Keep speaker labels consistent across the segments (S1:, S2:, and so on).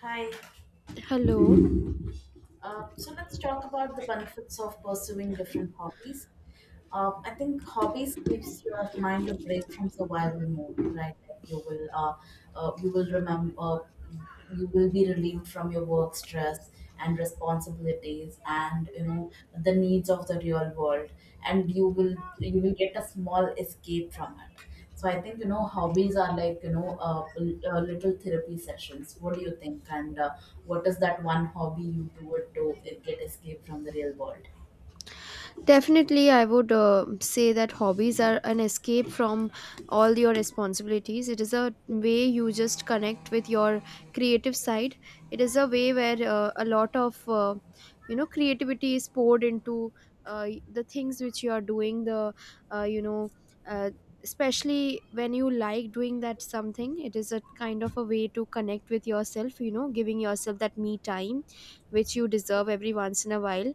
S1: Hi.
S2: Hello.
S1: So let's talk about the benefits of pursuing different hobbies. I think hobbies gives your mind a break from survival mode, right? Like you will remember, you will be relieved from your work stress and responsibilities, and the needs of the real world, and you will get a small escape from it. So I think, hobbies are like, little therapy sessions. What do you think? And what is that one hobby you do it to get escape from the real world?
S2: Definitely, I would say that hobbies are an escape from all your responsibilities. It is a way you just connect with your creative side. It is a way where a lot of creativity is poured into the things which you are doing. The you know. Uh, Especially when you like doing that something, it is a kind of a way to connect with yourself, giving yourself that me time which you deserve every once in a while.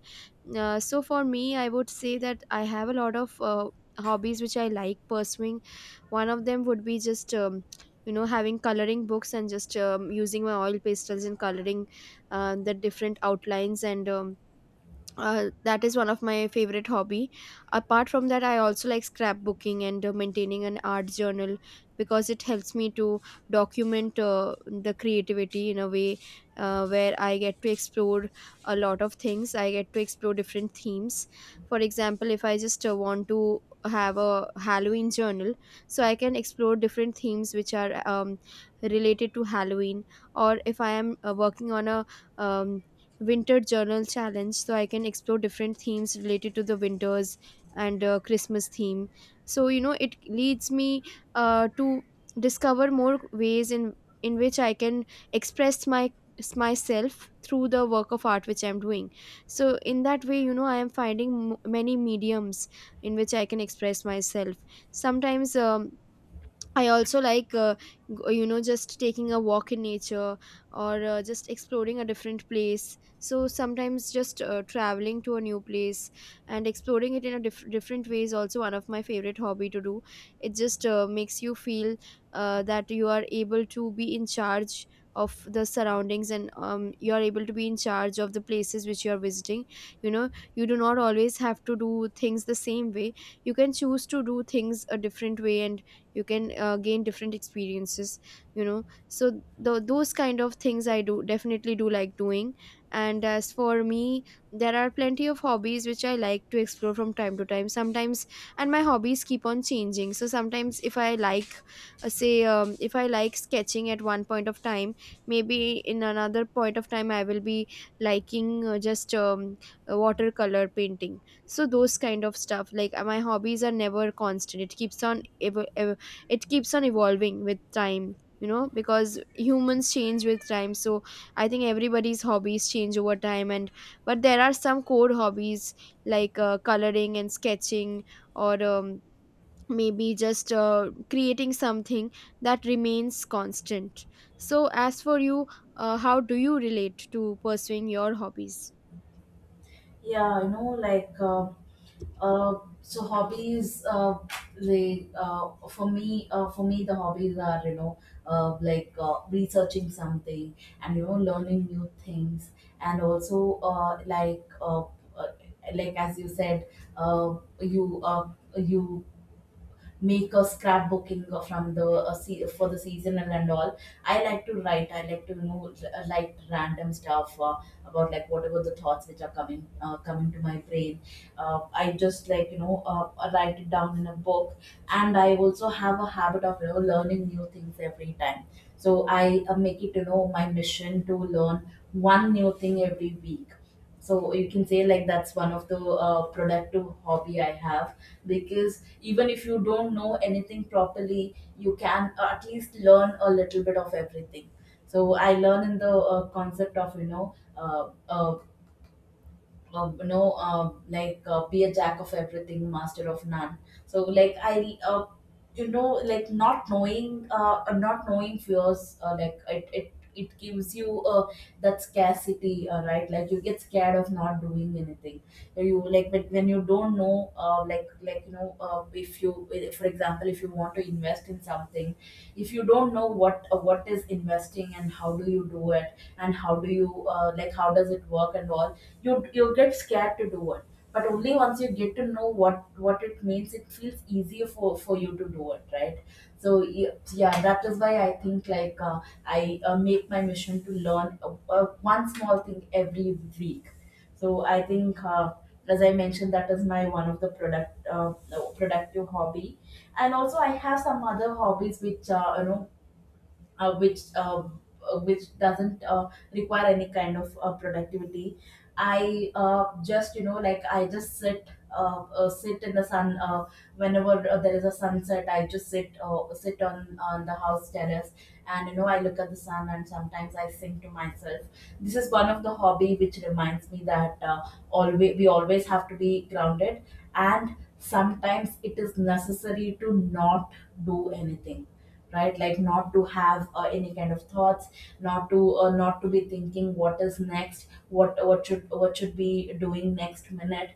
S2: So for me, I would say that I have a lot of hobbies which I like pursuing. One of them would be just having coloring books, and just using my oil pastels and coloring the different outlines. And that is one of my favorite hobby. Apart from that, I also like scrapbooking and maintaining an art journal, because it helps me to document the creativity in a way where I get to explore a lot of things. I get to explore different themes. For example, if I just want to have a Halloween journal, so I can explore different themes which are related to Halloween, or if I am working on a um, winter journal challenge, so I can explore different themes related to the winters and Christmas theme. So it leads me to discover more ways in which I can express my myself through the work of art which I'm doing. So in that way, I am finding many mediums in which I can express myself. Sometimes, I also like, just taking a walk in nature, or just exploring a different place. So sometimes just traveling to a new place and exploring it in a different way is also one of my favorite hobby to do. It just makes you feel that you are able to be in charge of the surroundings, and you are able to be in charge of the places which you are visiting. You know, you do not always have to do things the same way. You can choose to do things a different way, and you can gain different experiences, so those kind of things I do definitely do like doing. And as for me, there are plenty of hobbies which I like to explore from time to time sometimes. And my hobbies keep on changing. So sometimes if I like, say if I like sketching at one point of time, maybe in another point of time I will be liking just watercolor painting. So those kind of stuff, like, my hobbies are never constant. It it keeps on evolving with time, you know, because humans change with time. So I think everybody's hobbies change over time, and but there are some core hobbies like coloring and sketching, or maybe just creating something that remains constant. So as for you, how do you relate to pursuing your hobbies?
S1: Yeah, like, uh, so hobbies, like, for me the hobbies are, like, researching something, and learning new things, and also, uh, like as you said, uh, you, you make a scrapbooking from the, for the seasonal and all. I like to write. I like to, like, random stuff, about like whatever the thoughts which are coming, coming to my brain. I just like, write it down in a book. And I also have a habit of, learning new things every time, so I make it, my mission to learn one new thing every week. So you can say like that's one of the productive hobby I have, because even if you don't know anything properly, you can at least learn a little bit of everything. So I learn in the concept of, like, be a jack of everything, master of none. So like I, like, not knowing fears, like it gives you, that scarcity, right? Like you get scared of not doing anything. You like when you don't know, if you, for example, if you want to invest in something, if you don't know what, what is investing and how do you do it and how do you, like how does it work and all, you get scared to do it. But only once you get to know what it means, it feels easier for you to do it, right? so y- yeah, that is why I think like, I, make my mission to learn, one small thing every week. So I think, as I mentioned, that is my one of the productive hobby. And also I have some other hobbies which, uh, which uh, which doesn't require any kind of productivity. I just, you know, like I just sit, sit in the sun whenever there is a sunset. I just sit, sit on the house terrace, and you know I look at the sun, and sometimes I sing to myself. This is one of the hobby which reminds me that, always we always have to be grounded, and sometimes it is necessary to not do anything, right? Like not to have any kind of thoughts, not to, not to be thinking what is next, what should be doing next minute,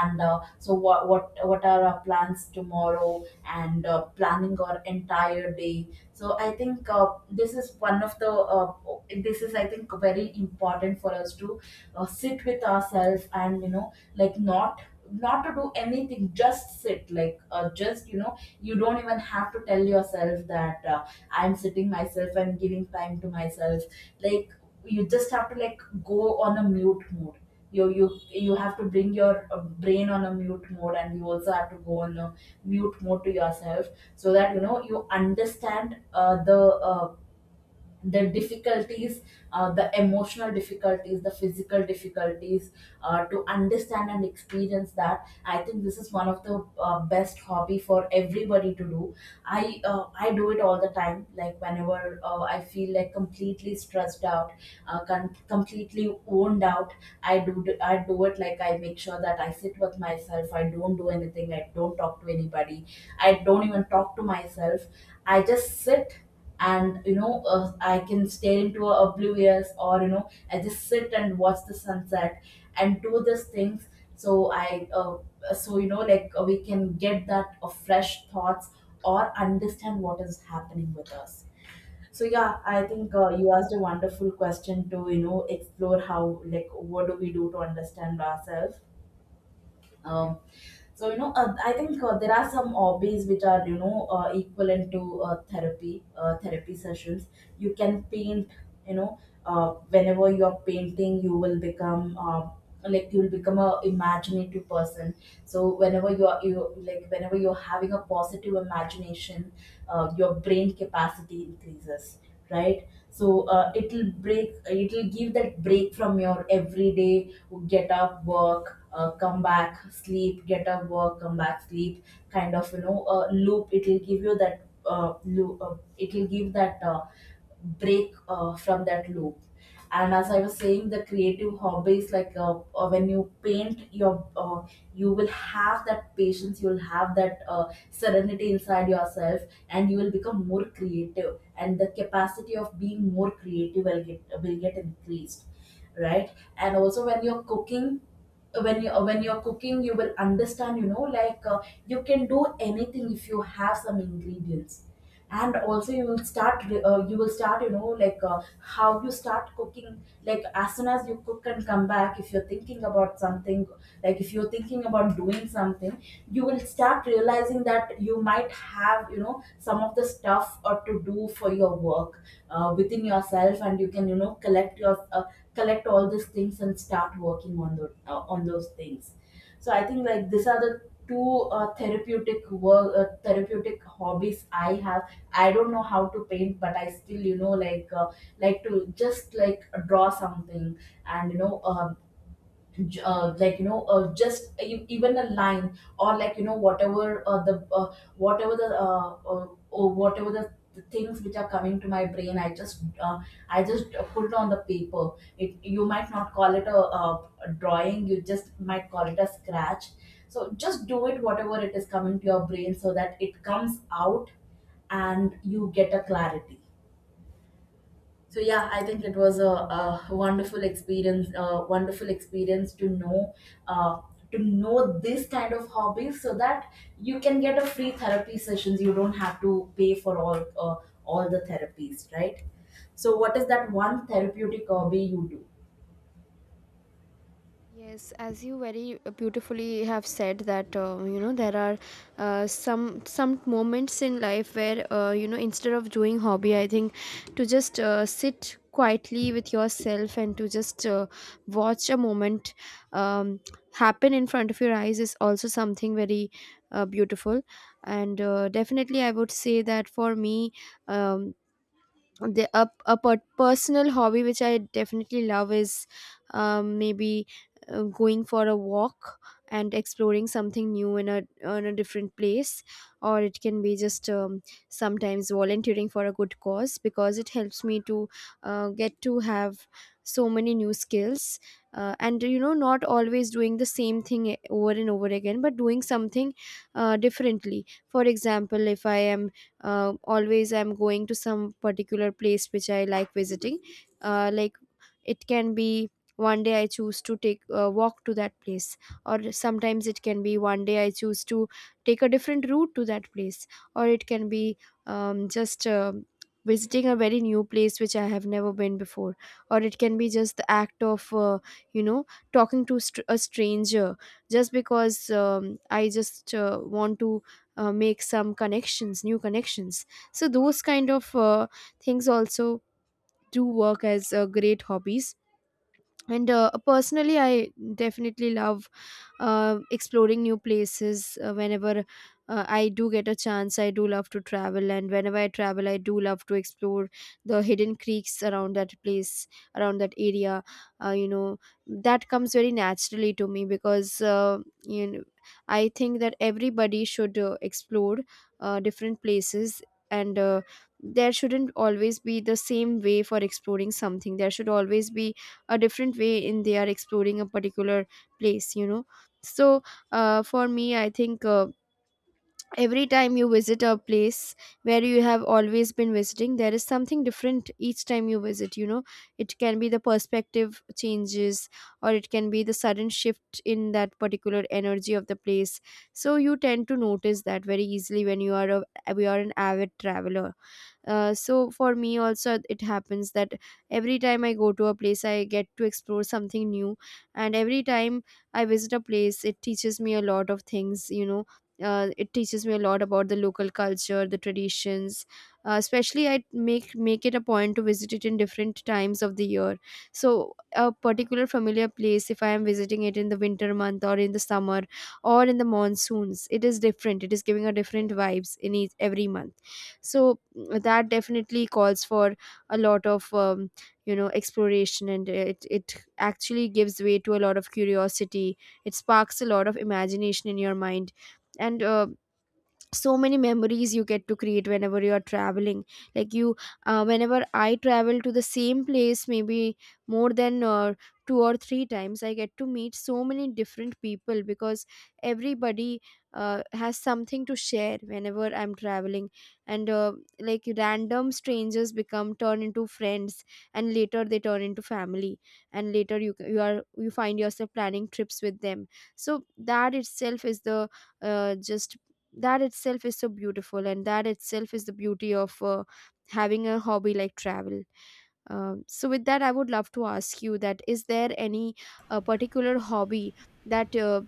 S1: and what are our plans tomorrow, and, planning our entire day. So I think, this is one of the this is I think very important for us to sit with ourselves, and, you know, like not, not to do anything, just sit, like, just you know you don't even have to tell yourself that, I'm sitting myself and giving time to myself. Like, you just have to, like, go on a mute mode. You have to bring your brain on a mute mode, and you also have to go on a mute mode to yourself, so that, you know, you understand the difficulties, the emotional difficulties, the physical difficulties, to understand and experience that. I think this is one of the best hobby for everybody to do. I do it all the time. Like whenever I feel like completely stressed out, completely worn out, I do it. Like I make sure that I sit with myself. I don't do anything. I don't talk to anybody. I don't even talk to myself. I just sit, and, I can stare into a oblivious, or, you know, I just sit and watch the sunset and do these things. So I, we can get that fresh thoughts, or understand what is happening with us. So yeah, I think, you asked a wonderful question to, you know, explore how, like, what do we do to understand ourselves. um, so, I think there are some hobbies which are, equivalent to therapy sessions. You can paint. You know, whenever you are painting, you will become, like, you will become a imaginative person. So whenever you are, you like whenever you are having a positive imagination, your brain capacity increases, right? So it'll give that break from your everyday get up, work, come back, sleep, get up, work, come back, sleep, kind of, loop. It'll give you that it'll give that break from that loop. And as I was saying, the creative hobbies, like, when you paint, your, you will have that patience, you will have that serenity inside yourself, and you will become more creative, and the capacity of being more creative will get increased, right? And also when you're cooking, when you're cooking, you will understand, you know, like, you can do anything if you have some ingredients. And also you will you will start, you know, like, how you start cooking, like as soon as you cook and come back, if you're thinking about something, like if you're thinking about doing something, you will start realizing that you might have, you know, some of the stuff or to do for your work within yourself, and you can, you know, collect your, collect all these things and start working on the, on those things. So I think like these are the two therapeutic hobbies I have. I don't know how to paint, but I still, like to just, like, draw something. And, just, even a line, or, like you know, whatever the whatever the, or whatever the things which are coming to my brain, I just, put it on the paper. It, you might not call it a drawing, you just might call it a scratch. So just do it, whatever it is coming to your brain, so that it comes out and you get a clarity. So yeah, I think it was a wonderful experience, a wonderful experience to know, uh, to know this kind of hobbies, so that you can get a free therapy sessions. You don't have to pay for all, all the therapies, right? So what is that one therapeutic hobby you do?
S2: Yes, as you very beautifully have said that there are some moments in life where, instead of doing hobby, I think, to just sit quietly with yourself and to just watch a moment um, happen in front of your eyes is also something very beautiful. And definitely, I would say that for me, um, the personal hobby which I definitely love is, maybe going for a walk and exploring something new in a different place. Or it can be just sometimes volunteering for a good cause, because it helps me to get to have so many new skills, and not always doing the same thing, over and over again, but doing something differently. For example, if I am, always I'm going to some particular place which I like visiting. Like, it can be one day I choose to take walk to that place, or sometimes it can be one day I choose to take a different route to that place. Or it can be, just visiting a very new place which I have never been before. Or it can be just the act of you know talking to a stranger, just because I just want to make some connections, new connections. So those kind of things also do work as great hobbies. And personally, I definitely love exploring new places whenever I do get a chance. I do love to travel, and whenever I travel, I do love to explore the hidden creeks around that place, around that area. uh, you know that comes very naturally to me, because, you know I think that everybody should explore different places. And there shouldn't always be the same way for exploring something. There should always be a different way in they are exploring a particular place, you know. So for me I think, every time you visit a place where you have always been visiting, there is something different each time you visit. You know, it can be the perspective changes, or it can be the sudden shift in that particular energy of the place. So you tend to notice that very easily when you are an avid traveler. So for me also, it happens that every time I go to a place, I get to explore something new, and every time I visit a place, it teaches me a lot of things. You know, it teaches me a lot about the local culture, the traditions. Especially, I make it a point to visit it in different times of the year. So a particular familiar place, if I am visiting it in the winter month, or in the summer, or in the monsoons, it is different. It is giving a different vibes in each, every month. So, that definitely calls for a lot of exploration, and it actually gives way to a lot of curiosity. It sparks a lot of imagination in your mind. And so many memories you get to create whenever you are traveling. Like you Whenever I travel to the same place, maybe more than two or three times, I get to meet so many different people, because everybody has something to share whenever I'm traveling. And like, random strangers become turn into friends, and later they turn into family, and later you find yourself planning trips with them. So uh, just that itself is so beautiful, and that itself is the beauty of having a hobby like travel. So with that, I would love to ask you, that is there any particular hobby that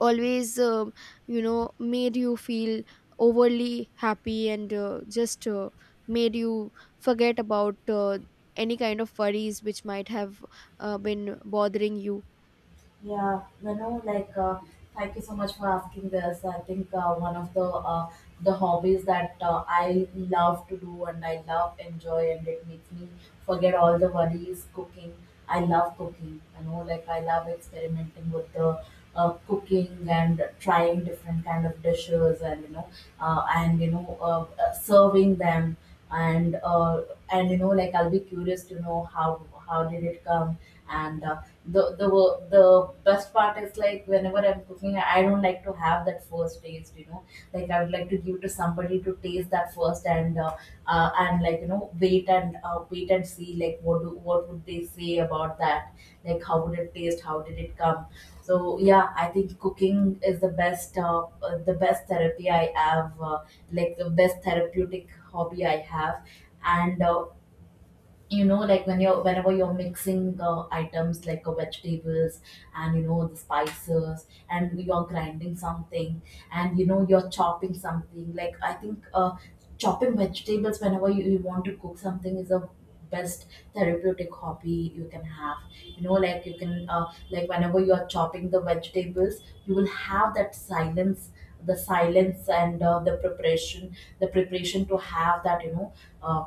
S2: always made you feel overly happy and just made you forget about any kind of worries which might have been bothering you?
S1: Yeah, you know, like, thank you so much for asking this. I think, one of the, the hobbies that, I love to do and I love enjoy, and it makes me forget all the worries. Cooking, I love cooking. You know, like, I love experimenting with the, cooking, and trying different kind of dishes, and you know, serving them. And like I'll be curious to know how did it come. And, the best part is, like whenever I'm cooking, I don't like to have that first taste, you know. Like I would like to give to somebody to taste that first. And, and like, you know, wait, and, wait and see like what do, what would they say about that, like how would it taste, how did it come. So yeah, I think cooking is the best therapy I have, like the best therapeutic hobby I have. And, you know, like when you're whenever you're mixing items like, vegetables, and, you know, the spices, and you're grinding something, and, you know, you're chopping something, like I think, chopping vegetables whenever you want to cook something is a best therapeutic hobby you can have. You know, like you can, like whenever you're chopping the vegetables, you will have that silence. The silence and, the preparation to have that, you know, uh,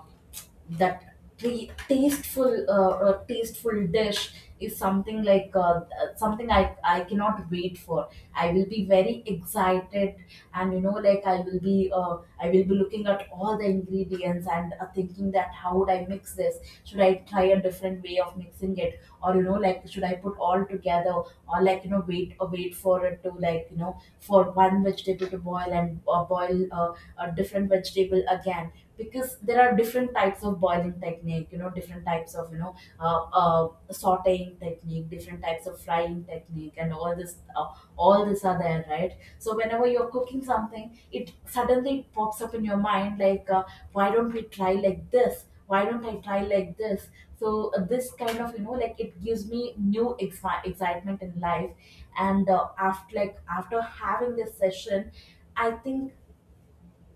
S1: tasteful, tasteful dish, is something like, something I cannot wait for. I will be very excited. And, you know, like I will be, I will be looking at all the ingredients and, thinking that how would I mix this, should I try a different way of mixing it, or, you know, like should I put all together, or, like, you know, wait, wait for it to, like, you know, for one vegetable to boil, and, boil a different vegetable again, because there are different types of boiling technique. You know, different types of, sauteing technique, different types of frying technique, and all this, all this are there, right? So whenever you're cooking something, it suddenly pops up in your mind like, why don't we try like this, why don't I try like this. So, this kind of, you know, like, it gives me new excitement in life. And, after having this session, I think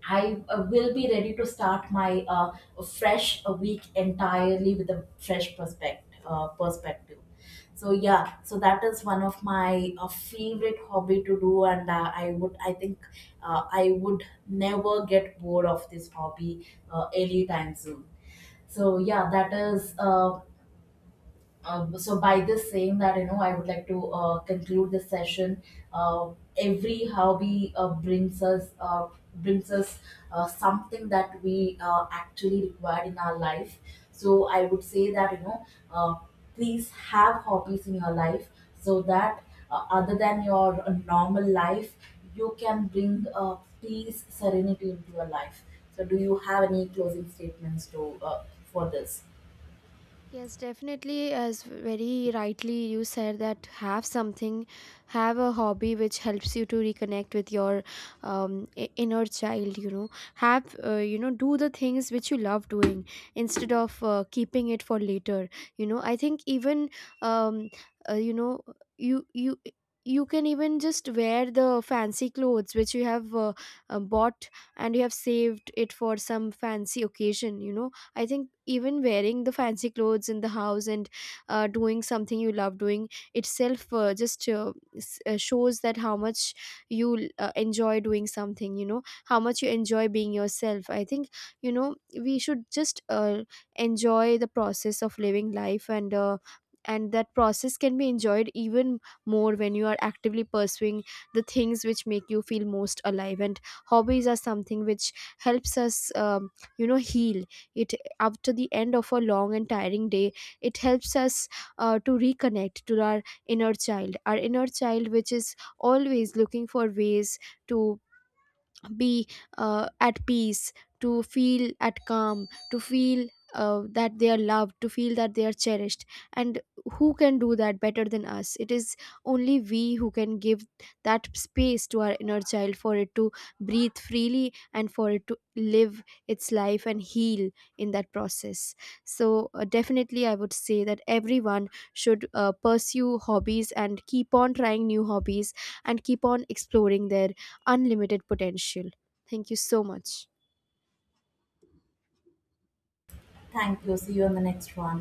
S1: I, will be ready to start my, fresh week entirely with a fresh perspective. So yeah, so that is one of my favorite hobby to do. And, I would, I think, I would never get bored of this hobby anytime soon. So yeah, that is, so by this saying that, you know, I would like to, conclude this session. uh, every hobby, brings us, something that we, actually require in our life. So I would say that, you know, uh, please have hobbies in your life, so that, other than your, normal life, you can bring, peace, serenity into your life. So do you have any closing statements to, for this?
S2: Yes, definitely. As very rightly you said, that have something, have a hobby which helps you to reconnect with your inner child. You know, have, do the things which you love doing, instead of keeping it for later. You know, I think even, um, uh, you know you you you can even just wear the fancy clothes which you have bought and you have saved it for some fancy occasion, you know. I think even wearing the fancy clothes in the house and doing something you love doing itself, shows that how much you enjoy doing something, you know, how much you enjoy being yourself. I think, we should just enjoy the process of living life, and that process can be enjoyed even more when you are actively pursuing the things which make you feel most alive. And hobbies are something which helps us, heal it after the end of a long and tiring day. It helps us to reconnect to our inner child, which is always looking for ways to be at peace, to feel at calm, to feel that they are loved, to feel that they are cherished. And who can do that better than us? It is only we who can give that space to our inner child for it to breathe freely and for it to live its life and heal in that process. So definitely, I would say that everyone should pursue hobbies and keep on trying new hobbies and keep on exploring their unlimited potential. Thank you so much.
S1: Thank you. See you on the next one.